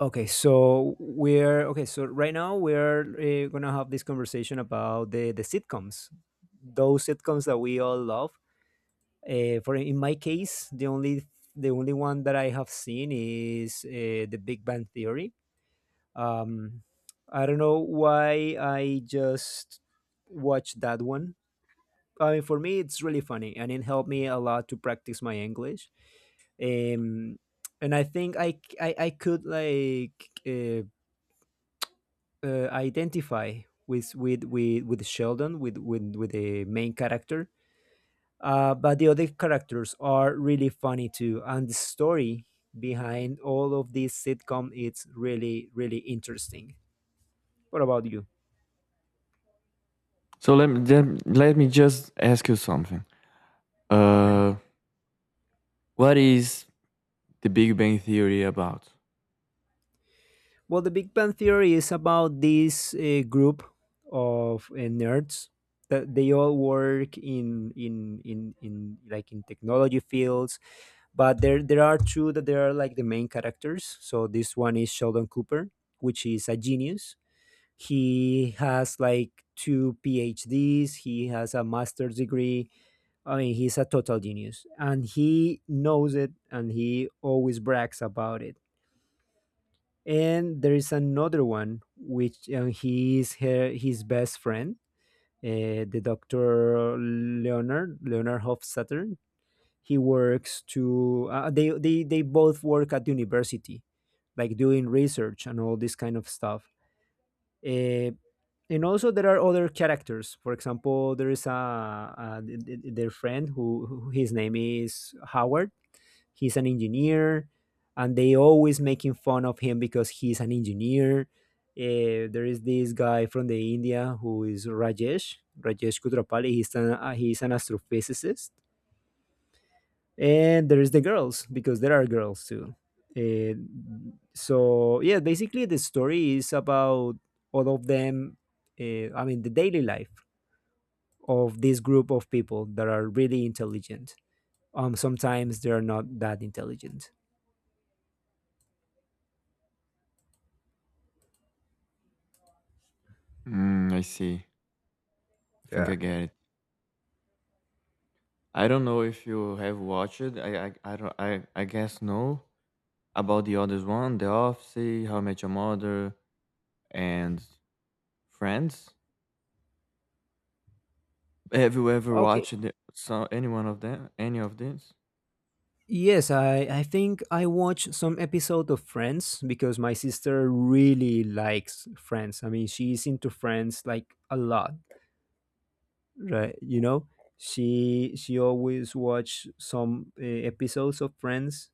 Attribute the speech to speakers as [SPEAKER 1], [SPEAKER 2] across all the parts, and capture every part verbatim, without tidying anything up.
[SPEAKER 1] Okay, so we're okay. So right now we're uh, gonna have this conversation about the the sitcoms, those sitcoms that we all love. Uh, for in my case, the only the only one that I have seen is uh, the Big Bang Theory. Um, I don't know why I just watched that one. I mean, for me, it's really funny, and it helped me a lot to practice my English. Um, and I think I c- I, I could like. Uh, uh, Identify with with with with Sheldon with with with the main character. Uh, but the other characters are really funny too, and the story behind all of this sitcom it's really really interesting. What about you?
[SPEAKER 2] So let me let me just ask you something.
[SPEAKER 1] Okay.
[SPEAKER 2] Uh, what is the Big Bang Theory about?
[SPEAKER 1] Well, the Big Bang Theory is about this uh, group of uh, nerds that they all work in in in in like in technology fields, but there there are two that they are like the main characters. So this one is Sheldon Cooper, which is a genius. He has like two PhDs. He has a master's degree. I mean, he's a total genius, and he knows it, and he always brags about it. And there is another one which uh, he is her, his best friend, uh, the doctor leonard leonard Hofstadter. He works to uh, they, they they both work at university like doing research and all this kind of stuff. uh, and also there are other characters. For example, there is a, a th- th- their friend who, who his name is Howard. He's an engineer, and they always making fun of him because he's an engineer. Uh, there is this guy from the India who is rajesh rajesh Kutrapali. He's an, uh, he's an astrophysicist. And there is the girls because there are girls too. uh, so yeah, basically the story is about all of them. uh, I mean, the daily life of this group of people that are really intelligent. Um sometimes they're not that intelligent.
[SPEAKER 2] Mm, I see. I think I get it. I don't know if you have watched it. I I I don't. I, I guess no. About the others one, The Office, How I Met Your Mother, and Friends. Have you ever
[SPEAKER 1] Okay.
[SPEAKER 2] watched the, so any one of them? Any of these?
[SPEAKER 1] Yes, I, I think I watched some episode of Friends because my sister really likes Friends. I mean, she's into Friends like a lot, right? You know, she she always watch some uh, episodes of Friends.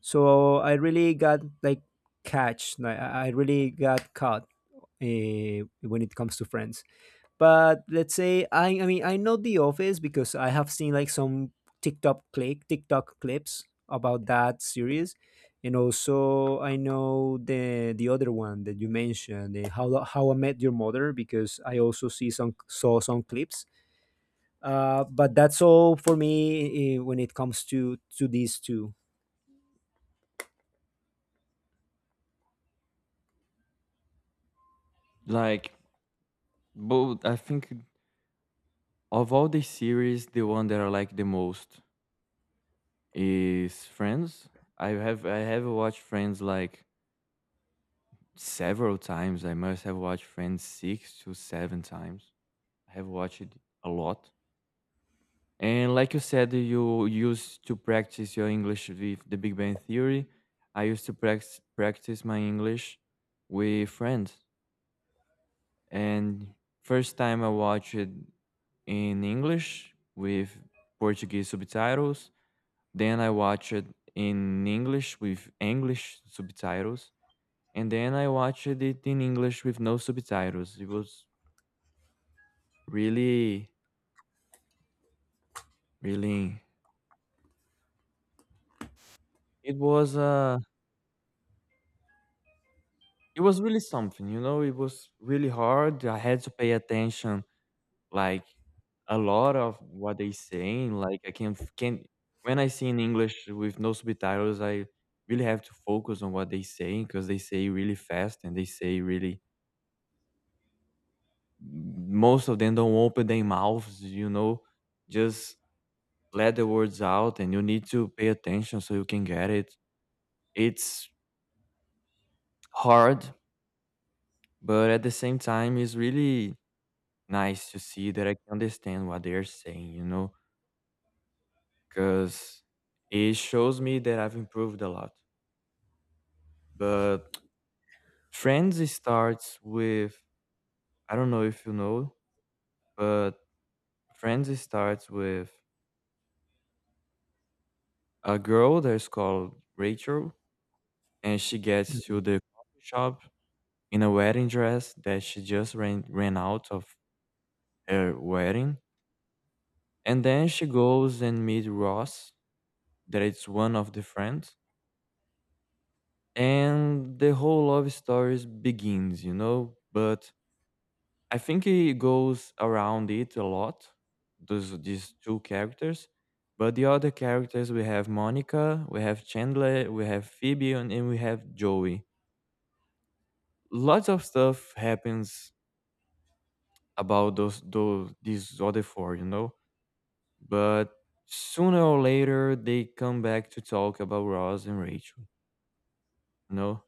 [SPEAKER 1] So I really got like catch. Like, I I really got caught uh, when it comes to Friends. But let's say I I mean I know The Office because I have seen like some TikTok click TikTok clips about that series. And also I know the the other one that you mentioned, the How How I Met Your Mother, because I also see some saw some clips. Uh, but that's all for me uh, when it comes to to these two.
[SPEAKER 2] Like both. I think of all the series, the one that I like the most is Friends. I have I have watched Friends like several times. I must have watched Friends six to seven times. I have watched it a lot. And like you said, you used to practice your English with the Big Bang Theory. I used to practice practice my English with friends. And first time I watched it in English with Portuguese subtitles. Then I watched it in English with English subtitles. And then I watched it in English with no subtitles. It was really, really, it was, uh, it was really something, you know, it was really hard. I had to pay attention. Like, a lot of what they saying, like, I can can when I see in English with no subtitles, I really have to focus on what they saying because they say really fast and they say really most of them don't open their mouths, you know? Just let the words out, and you need to pay attention so you can get it. It's hard, but at the same time, it's really nice to see that I can understand what they are saying, you know? 'Cause it shows me that I've improved a lot. But Friends starts with, I don't know if you know, but Friends starts with a girl that's called Rachel, and she gets to the coffee shop in a wedding dress that she just ran ran out of her wedding, and then she goes and meets Ross, that it's one of the friends, and the whole love story begins, you know? But I think he goes around it a lot, those these two characters. But the other characters, we have Monica, we have Chandler, we have Phoebe, and, and we have Joey. Lots of stuff happens about those those these other four, you know. But sooner or later, they come back to talk about Ross and Rachel. You know,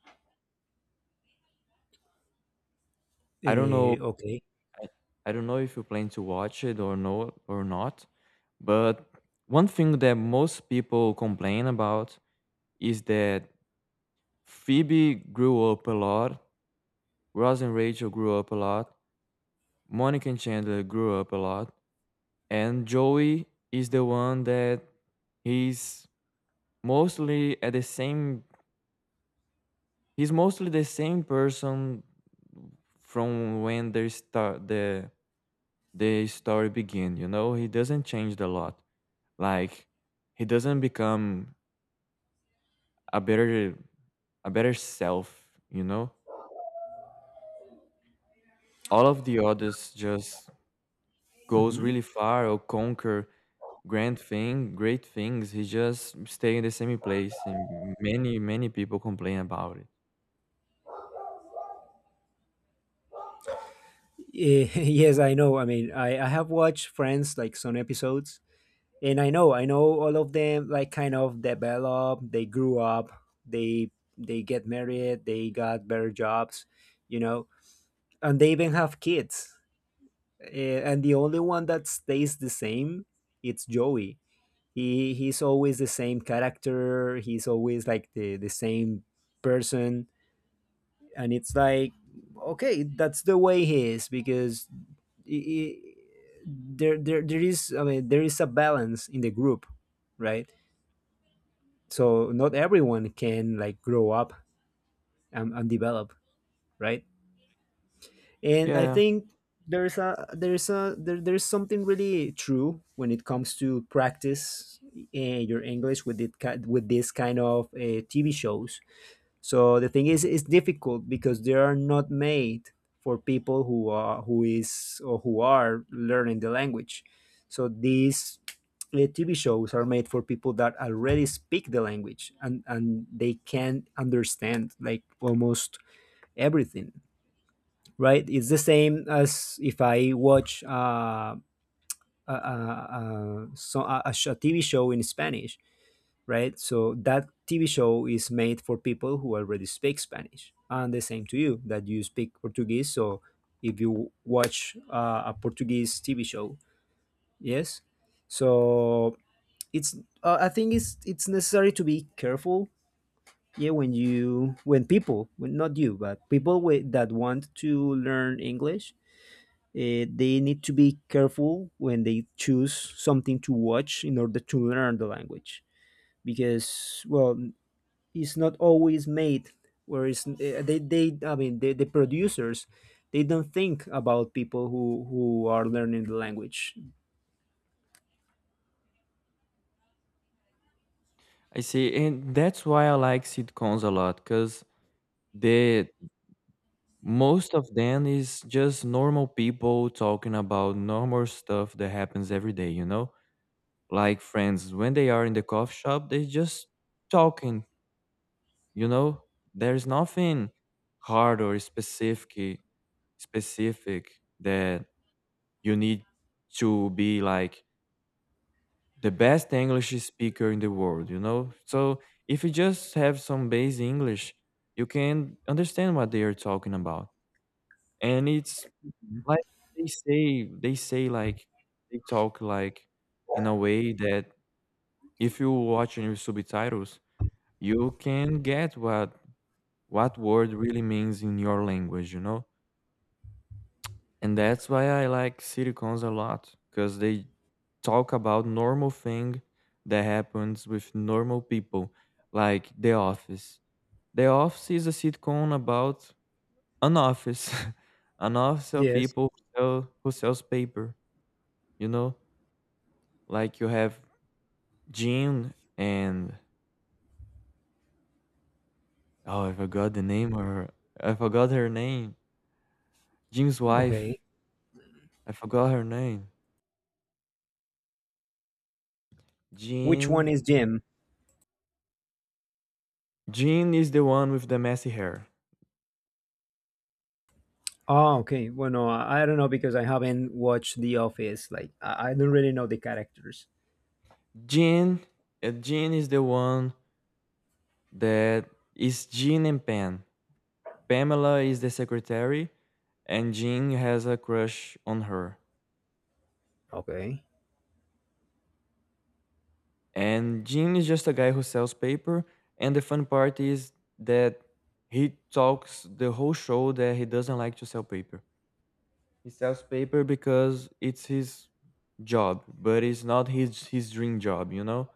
[SPEAKER 2] I don't know.
[SPEAKER 1] Uh, okay.
[SPEAKER 2] I, I don't know if you plan to watch it or no or not. But one thing that most people complain about is that Phoebe grew up a lot, Ross and Rachel grew up a lot, Monica and Chandler grew up a lot, and Joey is the one that he's mostly at the same, he's mostly the same person from when they start the the story begin, you know? He doesn't change a lot. Like he doesn't become a better a better self, you know? All of the others just goes
[SPEAKER 1] Hmm.
[SPEAKER 2] really far or conquer grand thing, great things. He just stay in the same place, and many, many people complain about it.
[SPEAKER 1] Yes, I know. I mean, I, I have watched Friends like some episodes, and i know i know all of them like kind of develop. They grew up, they they get married, they got better jobs, you know and they even have kids. Eh, and the only one that stays the same it's Joey. He he's always the same character. He's always like the the same person. And it's like, okay, that's the way he is because i i there, there there is I mean there is a balance in the group, right? So not everyone can like grow up and, and develop, right? And I
[SPEAKER 2] Yeah,
[SPEAKER 1] think there's a there's a there, there's something really true when it comes to practice uh, your English with it ki- with this kind of uh, TV shows. So the thing is, it's difficult because they are not made for people who are who is or who are learning the language. So these uh, T V shows are made for people that already speak the language, and and they can understand like almost everything. Right? It's the same as if I watch uh, a, a, a, so- a, a sh- a T V show in Spanish, right? So that T V show is made for people who already speak Spanish, and the same to you that you speak Portuguese. So if you watch uh, a Portuguese T V show, yes. So it's, uh, I think it's it's necessary to be careful. Yeah, when you when people, when not you, but people wi- that want to learn English, uh, they need to be careful when they choose something to watch in order to learn the language, because well it's not always made, whereas uh, they they I mean the, the producers, they don't think about people who who are learning the language.
[SPEAKER 2] I see, and that's why I like sitcoms a lot, cause the most of them is just normal people talking about normal stuff that happens every day. You know, like friends when they are in the coffee shop they just talking you know there's nothing hard or specific specific that you need to be like the best English speaker in the world you know so if you just have some basic English you can understand what they are talking about. And it's like they say they say like they talk like in a way that if you watch your subtitles you can get what what word really means in your language, you know? And that's why I like sitcoms a lot because they talk about normal thing that happens with normal people, like The Office. The Office is a sitcom about an office, an office of
[SPEAKER 1] Yes.
[SPEAKER 2] people who, sell, who sells paper, you know? Like you have Jean, and oh, I forgot the name or I forgot her name. Jim's wife,
[SPEAKER 1] Okay.
[SPEAKER 2] I forgot her name.
[SPEAKER 1] Which one
[SPEAKER 2] Jean.
[SPEAKER 1] is Jim?
[SPEAKER 2] Jean is the one with the messy hair.
[SPEAKER 1] Oh, okay. Well, no, I I don't know because I haven't watched The Office. Like, I I don't really know the characters.
[SPEAKER 2] Jean. uh, Jean is the one that is Jean and Pam. Pamela is the secretary, and Jean has a crush on her.
[SPEAKER 1] Okay.
[SPEAKER 2] And Jean is just a guy who sells paper. And the fun part is that he talks the whole show that he doesn't like to sell paper. He sells paper because it's his job, but it's not his his dream job, you know?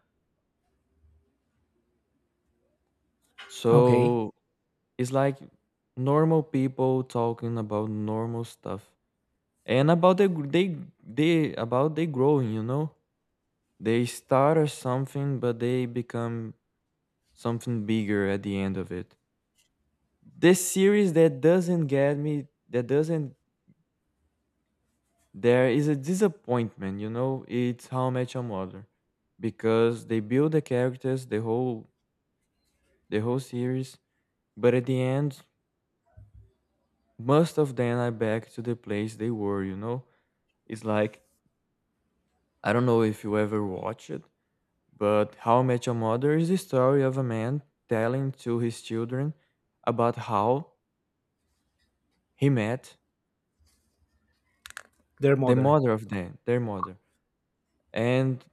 [SPEAKER 1] Okay.
[SPEAKER 2] So it's like normal people talking about normal stuff and about the gr- they they about they growing, you know. They start as something, but they become something bigger at the end of it. This series that doesn't get me, that doesn't, there is a disappointment, you know. It's How I Met Your Mother, because they build the characters, the whole the whole series, but at the end, most of them are back to the place they were, you know. It's like, I don't know if you ever watch it, but How I Met Your Mother is the story of a man telling to his children about how he met
[SPEAKER 1] Their
[SPEAKER 2] the
[SPEAKER 1] mother.
[SPEAKER 2] mother of them, their mother. And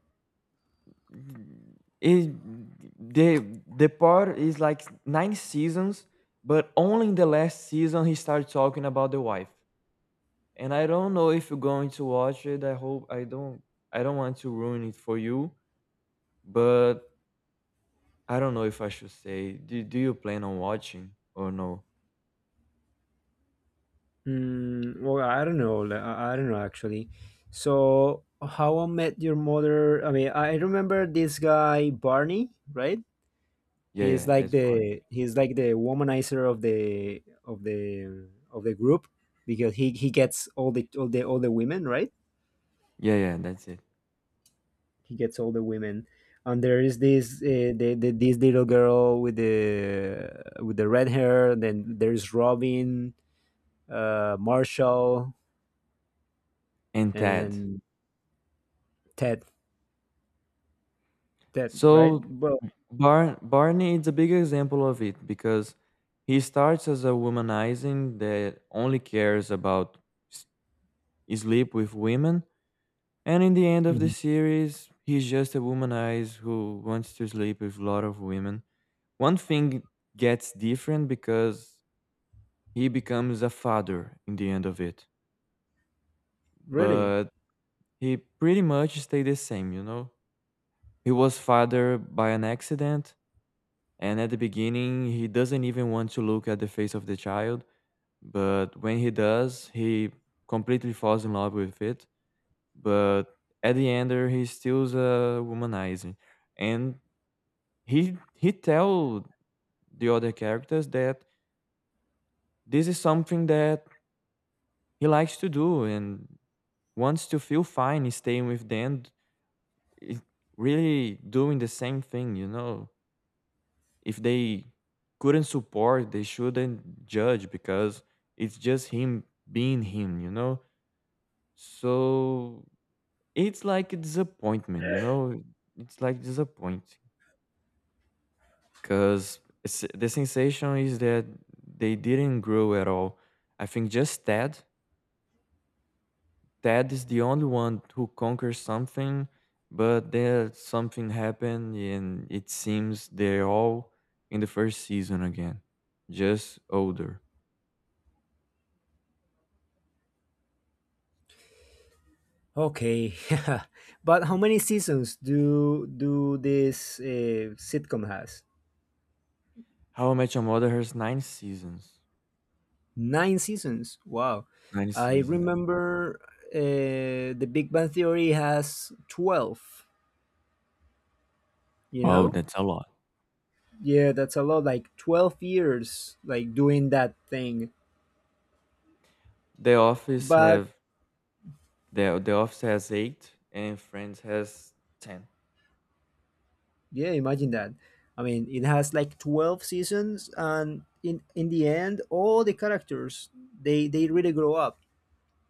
[SPEAKER 2] it, the, the part is like nine seasons, but only in the last season he started talking about the wife. And I don't know if you're going to watch it. I hope I don't I don't want to ruin it for you, but I don't know if I should say. Do do you plan on watching or no?
[SPEAKER 1] Mm, well, I don't know. Like, I I don't know actually. So, How I Met Your Mother. I mean, I remember this guy Barney, right?
[SPEAKER 2] Yeah,
[SPEAKER 1] He's
[SPEAKER 2] yeah,
[SPEAKER 1] like
[SPEAKER 2] that's Barney.
[SPEAKER 1] the he's like the womanizer of the of the of the group, because he he gets all the all the all the women, right?
[SPEAKER 2] Yeah, yeah, that's it.
[SPEAKER 1] He gets all the women. And there is this uh, the, the this little girl with the with the red hair. Then there's Robin, uh, Marshall,
[SPEAKER 2] And Ted.
[SPEAKER 1] and Ted. That right?
[SPEAKER 2] So
[SPEAKER 1] Well,
[SPEAKER 2] Bar- Barney is a big example of it because he starts as a womanizing that only cares about s- sleep with women, and in the end of the
[SPEAKER 1] mhm.
[SPEAKER 2] series, he's just a womanizer who wants to sleep with a lot of women. One thing gets different because he becomes a father in the end of it,
[SPEAKER 1] Really?
[SPEAKER 2] but he pretty much stayed the same, you know? He was father by an accident, and at the beginning, he doesn't even want to look at the face of the child, but when he does, he completely falls in love with it. But at the end, uh, he stills a womanizer, and he he tell the other characters that this is something that he likes to do and wants to feel fine staying with them, i- really doing the same thing, you know? If they couldn't support, they shouldn't judge because it's just him being him, you know? So it's like a disappointment, you know? It's like disappointing because the sensation is that they didn't grow at all. I think just Ted. Ted is the only one who conquers something, but then something happened and it seems they're all in the first season again, just older.
[SPEAKER 1] Okay. Yeah. But how many seasons do do this uh, sitcom has?
[SPEAKER 2] How I Met Your Mother has nine seasons.
[SPEAKER 1] Nine seasons. Wow.
[SPEAKER 2] Nine
[SPEAKER 1] I
[SPEAKER 2] seasons.
[SPEAKER 1] remember uh, The Big Bang Theory has twelve, you
[SPEAKER 2] Wow,
[SPEAKER 1] know?
[SPEAKER 2] that's a lot.
[SPEAKER 1] Yeah, that's a lot like twelve years like doing that thing.
[SPEAKER 2] The Office
[SPEAKER 1] But
[SPEAKER 2] have the The Office has eight, and Friends has ten.
[SPEAKER 1] yeah, imagine that. I mean, it has like twelve seasons, and in in the end all the characters, they they really grow up,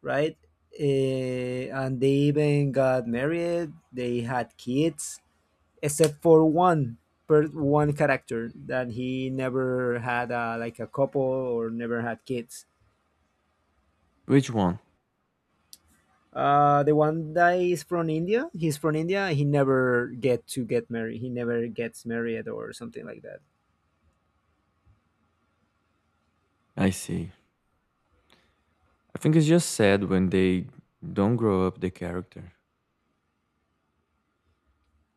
[SPEAKER 1] right? Eh, and they even got married. They had kids, except for one per one character that he never had a, like a couple, or never had kids.
[SPEAKER 2] Which one?
[SPEAKER 1] Uh, the one that is from India, he's from India. He never get to get married. He never gets married or something like that.
[SPEAKER 2] I see. I think it's just sad when they don't grow up the character,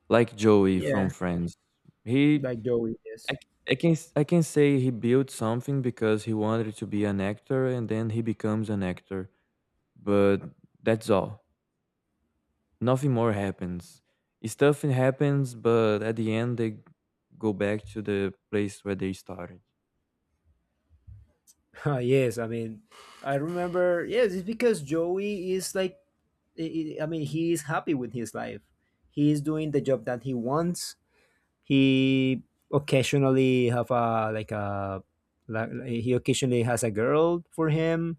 [SPEAKER 2] like Joey from
[SPEAKER 1] Yeah,
[SPEAKER 2] Friends. He,
[SPEAKER 1] like Joey. Yes.
[SPEAKER 2] I, I can s- I can say he built something because he wanted to be an actor, and then he becomes an actor. But that's all. Nothing more happens. Stuff happens, but at the end they go back to the place where they started.
[SPEAKER 1] Yes, I mean, I remember. Yes, it's because Joey is like, I I mean, he is happy with his life. He is doing the job that he wants. He occasionally have a like a like, He occasionally has a girl for him.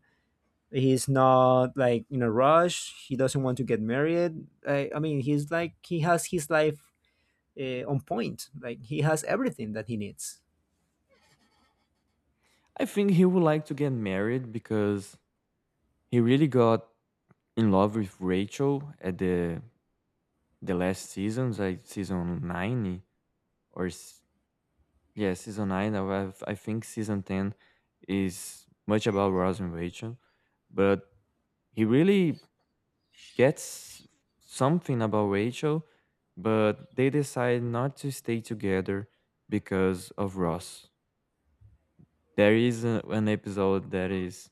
[SPEAKER 1] He's not like in a rush. He doesn't want to get married. I, I mean, he's like he has his life uh, on point. Like he has everything that he needs.
[SPEAKER 2] I think he would like to get married because he really got in love with Rachel at the the last seasons, like season nine or s- yeah, season nine. I have- I think season ten is much about Ross and Rachel, but he really gets something about Rachel, but they decide not to stay together because of Ross. There is a, an episode that is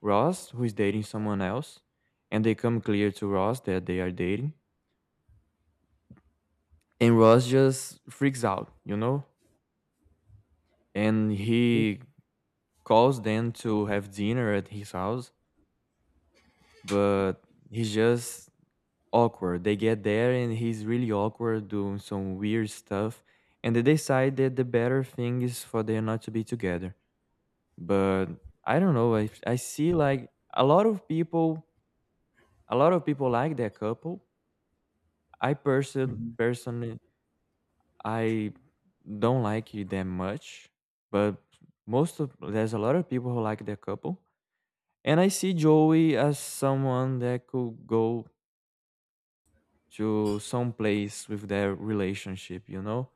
[SPEAKER 2] Ross who is dating someone else, and they come clear to Ross that they are dating, and Ross just freaks out, you know, and he calls them to have dinner at his house, but he just awkward. They get there and he's really awkward doing some weird stuff. And they decide that the better thing is for them not to be together. But I don't know. I, I see like a lot of people, a lot of people like that couple. I person
[SPEAKER 1] Mhm.
[SPEAKER 2] personally, I don't like it that much. But most of there's a lot of people who like that couple. And I see Joey as someone that could go to some place with their relationship, you know?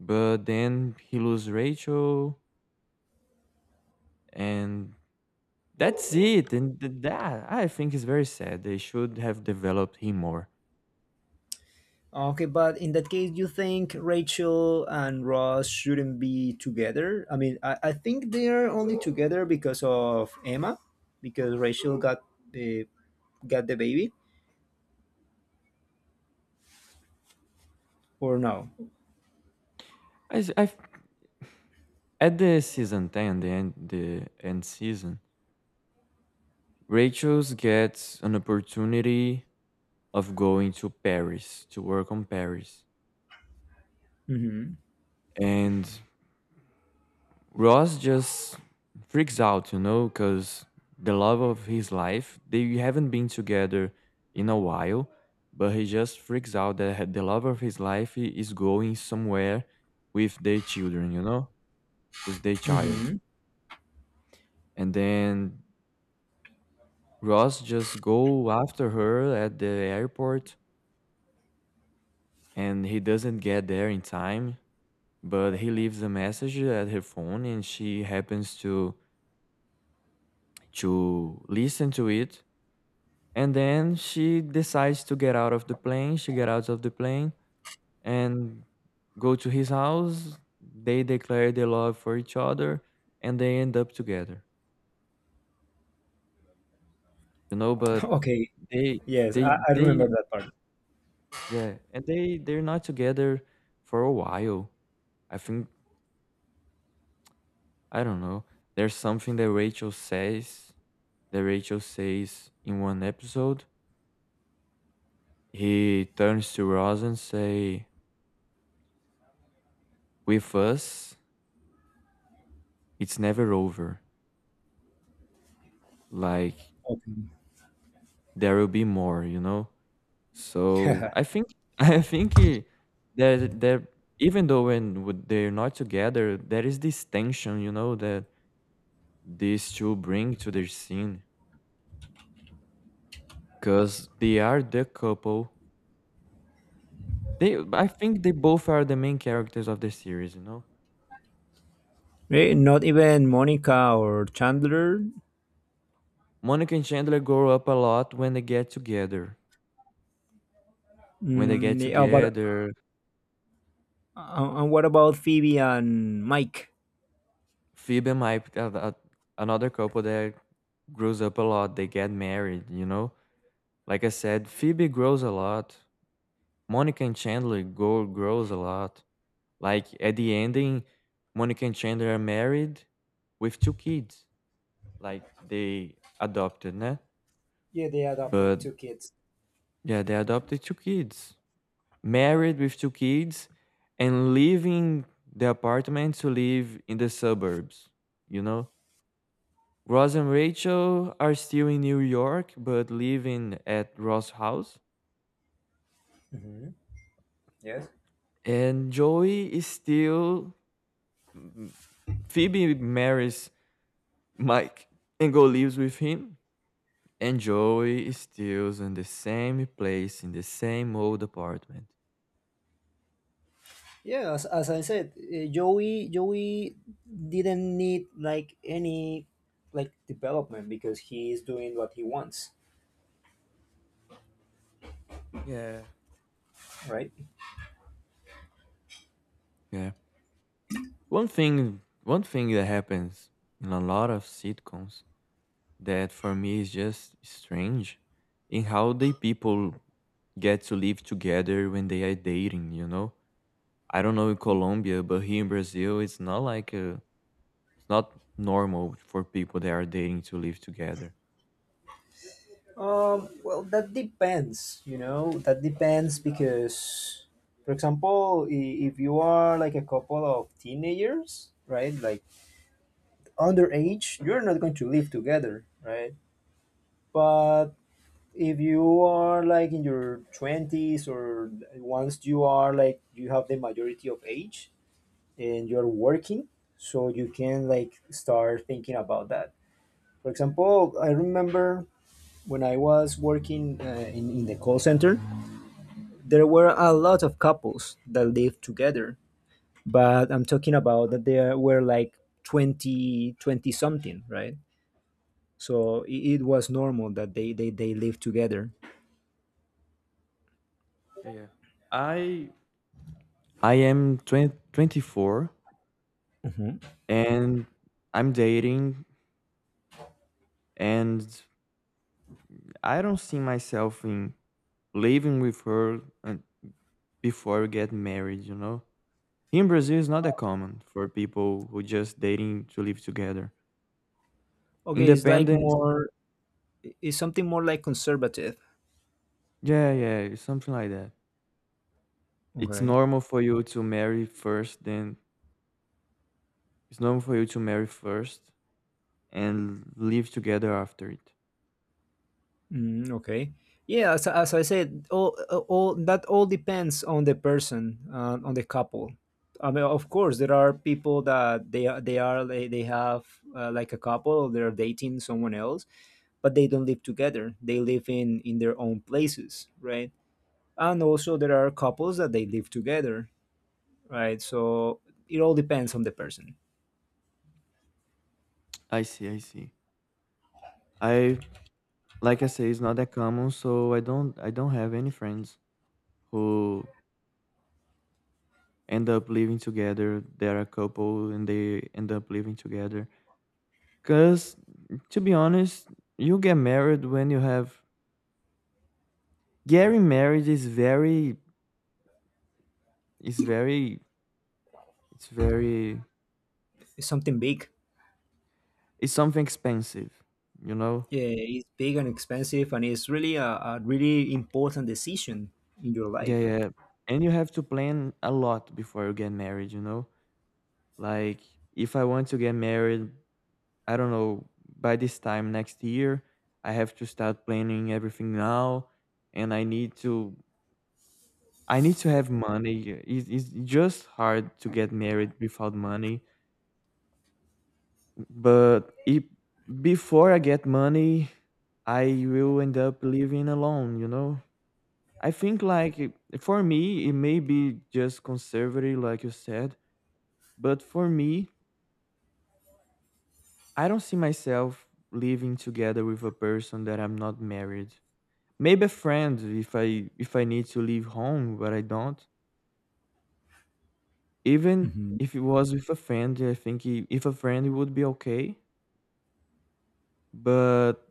[SPEAKER 2] But then he lose Rachel, and that's it. And th- that I think is very sad. They should have developed him more.
[SPEAKER 1] Okay, but in that case, you think Rachel and Ross shouldn't be together? I mean, I, I think they're only together because of Emma, because Rachel got the got the baby, or no?
[SPEAKER 2] I, s- I f- At the season ten, the end, the end season, Rachel's gets an opportunity of going to Paris to work on Paris,
[SPEAKER 1] Hmm.
[SPEAKER 2] and Ross just freaks out, you know, because the love of his life, they haven't been together in a while, but he just freaks out that the love of his life i- is going somewhere with their children, you know, with their child. And then Ross just go after her at the airport and he doesn't get there in time, but he leaves a message at her phone and she happens to to listen to it, and then she decides to get out of the plane, she get out of the plane and go to his house. They declare their love for each other, and they end up together. You know but
[SPEAKER 1] Okay,
[SPEAKER 2] they
[SPEAKER 1] yes,
[SPEAKER 2] they
[SPEAKER 1] I, I remember
[SPEAKER 2] they
[SPEAKER 1] that part.
[SPEAKER 2] Yeah. And they they're not together for a while. I think. I don't know. There's something that Rachel says, that rachel says in one episode. He turns to Ross and say, with us it's never over. Like, there will be more, you know? So
[SPEAKER 1] Okay.
[SPEAKER 2] I think I think eh, there there even though when would- they're not together, there is this tension, you know, that these two bring to their scene because they are the couple. They I think they both are the main characters of the series, you know.
[SPEAKER 1] Eh, Not even Monica or Chandler.
[SPEAKER 2] Monica and Chandler grow up a lot when they get together. When they
[SPEAKER 1] Mm,
[SPEAKER 2] get
[SPEAKER 1] they- oh, but
[SPEAKER 2] together,
[SPEAKER 1] uh, and what about Phoebe and Mike?
[SPEAKER 2] Phoebe and Mike, are the- another couple that grows up a lot. They get married. you know Like I said, Phoebe grows a lot. Monica and Chandler go grows a lot. Like at the ending, Monica and Chandler are married with two kids. Like they adopted, né?
[SPEAKER 1] Yeah, they adopted
[SPEAKER 2] But
[SPEAKER 1] two kids.
[SPEAKER 2] yeah, they adopted two kids. Married with two kids and leaving the apartment to live in the suburbs, you know? Ross and Rachel are still in New York but living at Ross' house.
[SPEAKER 1] Hmm. Yes.
[SPEAKER 2] And Joey is still M- Phoebe marries Mike and go lives with him, and Joey is still in the same place in the same old apartment.
[SPEAKER 1] Yeah, as, as I said, uh, Joey Joey didn't need like any like development because he is doing what he wants,
[SPEAKER 2] Yeah.
[SPEAKER 1] right?
[SPEAKER 2] Yeah. One thing one thing that happens in a lot of sitcoms that for me is just strange in how they people get to live together when they are dating, you know? I don't know in Colombia, but here in Brazil it's not like uh it's not normal for people that are dating to live together.
[SPEAKER 1] Um, well, that depends, you know. That depends because, for example, i- if you are like a couple of teenagers, right, like underage, you're not going to live together, right? But if you are like in your twenties, or once you are like you have the majority of age and you're working, so you can like start thinking about that. For example, I remember when I was working uh, in, in the call center there were a lot of couples that lived together. But I'm talking about that there were like twenty twenty something, right? So it, it was normal that they they, they lived together.
[SPEAKER 2] Yeah, yeah. I I am twenty twenty four,
[SPEAKER 1] Hmm.
[SPEAKER 2] and I'm dating, and I don't see myself in living with her un- before we get married, you know. Here in Brazil is not that common for people who just dating to live together.
[SPEAKER 1] Okay, it's like
[SPEAKER 2] Independent,
[SPEAKER 1] more, it's something more like conservative.
[SPEAKER 2] yeah, yeah, it's something like that. It's
[SPEAKER 1] Okay.
[SPEAKER 2] normal for you to marry first, then it's normal for you to marry first and live together after it.
[SPEAKER 1] Mm, okay. Yeah, as, as I said, all, all that all depends on the person, uh, on the couple. I mean, of course, there are people that they are they are they, they have uh, like a couple, they're dating someone else, but they don't live together. They live in in their own places, right? And also there are couples that they live together, right? So it all depends on the person.
[SPEAKER 2] I see, I see. I, like I say, it's not that common, so I don't I don't have any friends who end up living together. They're a couple and they end up living together. Cause to be honest, you get married when you have getting married is very is very it's very
[SPEAKER 1] It's something big.
[SPEAKER 2] it's something expensive, you know?
[SPEAKER 1] Yeah, it's big and expensive, and it's really a, a really important decision in your
[SPEAKER 2] Yeah,
[SPEAKER 1] life.
[SPEAKER 2] yeah. And you have to plan a lot before you get married, you know? Like, if I want to get married, I don't know, by this time next year, I have to start planning everything now, and I need to I need to have money. It's, it's just hard to get married without money. But if before I get money, I will end up living alone, you know? I think, like, it- for me it may be just conservative like you said, but for me, I don't see myself living together with a person that I'm not married. Maybe a friend if I if I need to leave home, but I don't. Even
[SPEAKER 1] Hmm.
[SPEAKER 2] if it was with a friend, I think i- if a friend it would be okay. But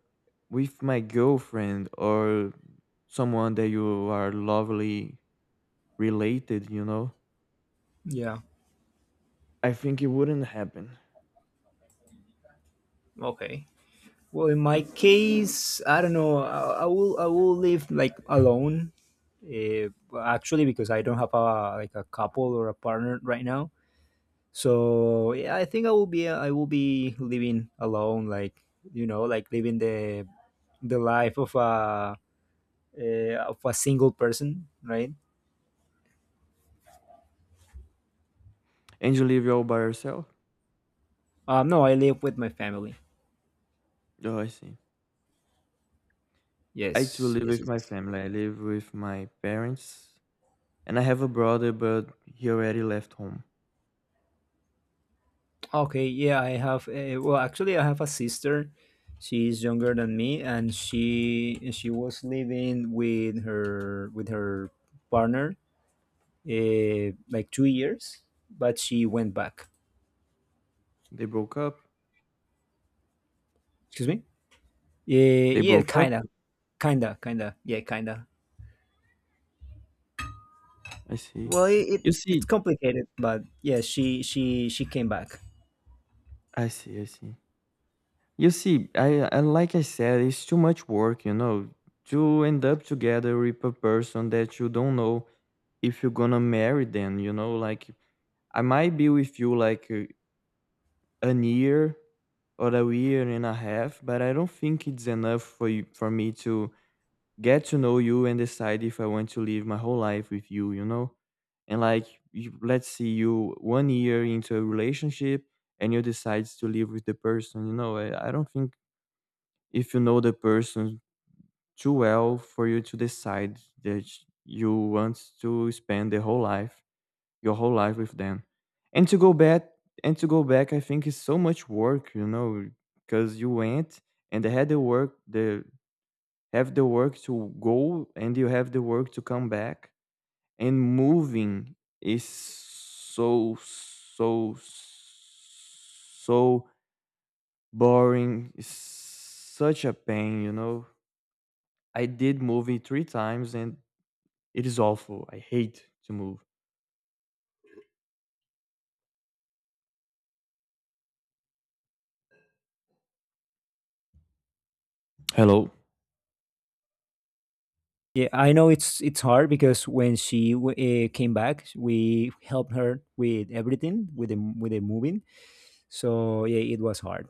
[SPEAKER 2] with my girlfriend or someone that you are lovely related, you know,
[SPEAKER 1] Yeah.
[SPEAKER 2] I think it wouldn't happen.
[SPEAKER 1] Okay. Well, in my case, I don't know. I, I will I will live like alone. Uh, Actually, because I don't have a like a couple or a partner right now. So yeah, I think I will be I will be living alone. Like you know, like living the the life of a uh, of a single person, right?
[SPEAKER 2] And you live all by yourself?
[SPEAKER 1] Um, no, I live with my family.
[SPEAKER 2] Oh, I see. I too
[SPEAKER 1] Yes,
[SPEAKER 2] live
[SPEAKER 1] yes,
[SPEAKER 2] with
[SPEAKER 1] yes.
[SPEAKER 2] my family. I live with my parents, and I have a brother, but he already left home.
[SPEAKER 1] Okay, yeah, I have a, well, actually, I have a sister. She's younger than me, and she she was living with her with her partner uh, like two years, but she went back.
[SPEAKER 2] They broke up.
[SPEAKER 1] Excuse me? Yeah,
[SPEAKER 2] They
[SPEAKER 1] yeah,
[SPEAKER 2] broke up.
[SPEAKER 1] kind of. Kind of, kind of. Yeah, kind of.
[SPEAKER 2] I see.
[SPEAKER 1] Well, it, it
[SPEAKER 2] You
[SPEAKER 1] it's
[SPEAKER 2] see.
[SPEAKER 1] complicated, but yeah, she she she came back.
[SPEAKER 2] I see, I see. You see, I I, like I said, it's too much work, you know, to end up together with a person that you don't know if you're gonna marry them, you know, like I might be with you, like, uh, an year or a year and a half, but I don't think it's enough for you for me to get to know you and decide if I want to live my whole life with you, you know? And like, you, let's see, you one year into a relationship and you decide to live with the person, you know? I, I don't think if you know the person too well for you to decide that you want to spend the whole life, your whole life with them. And to go back, and to go back, I think is so much work, you know, because you went and they had the work, the have the work to go, and you have the work to come back, and moving is so so so boring. It's such a pain, you know? I did movie three times and it is awful. I hate to move. Hello.
[SPEAKER 1] Yeah, I know it's it's hard, because when she uh, came back, we helped her with everything, with the with the moving. So yeah, it was hard.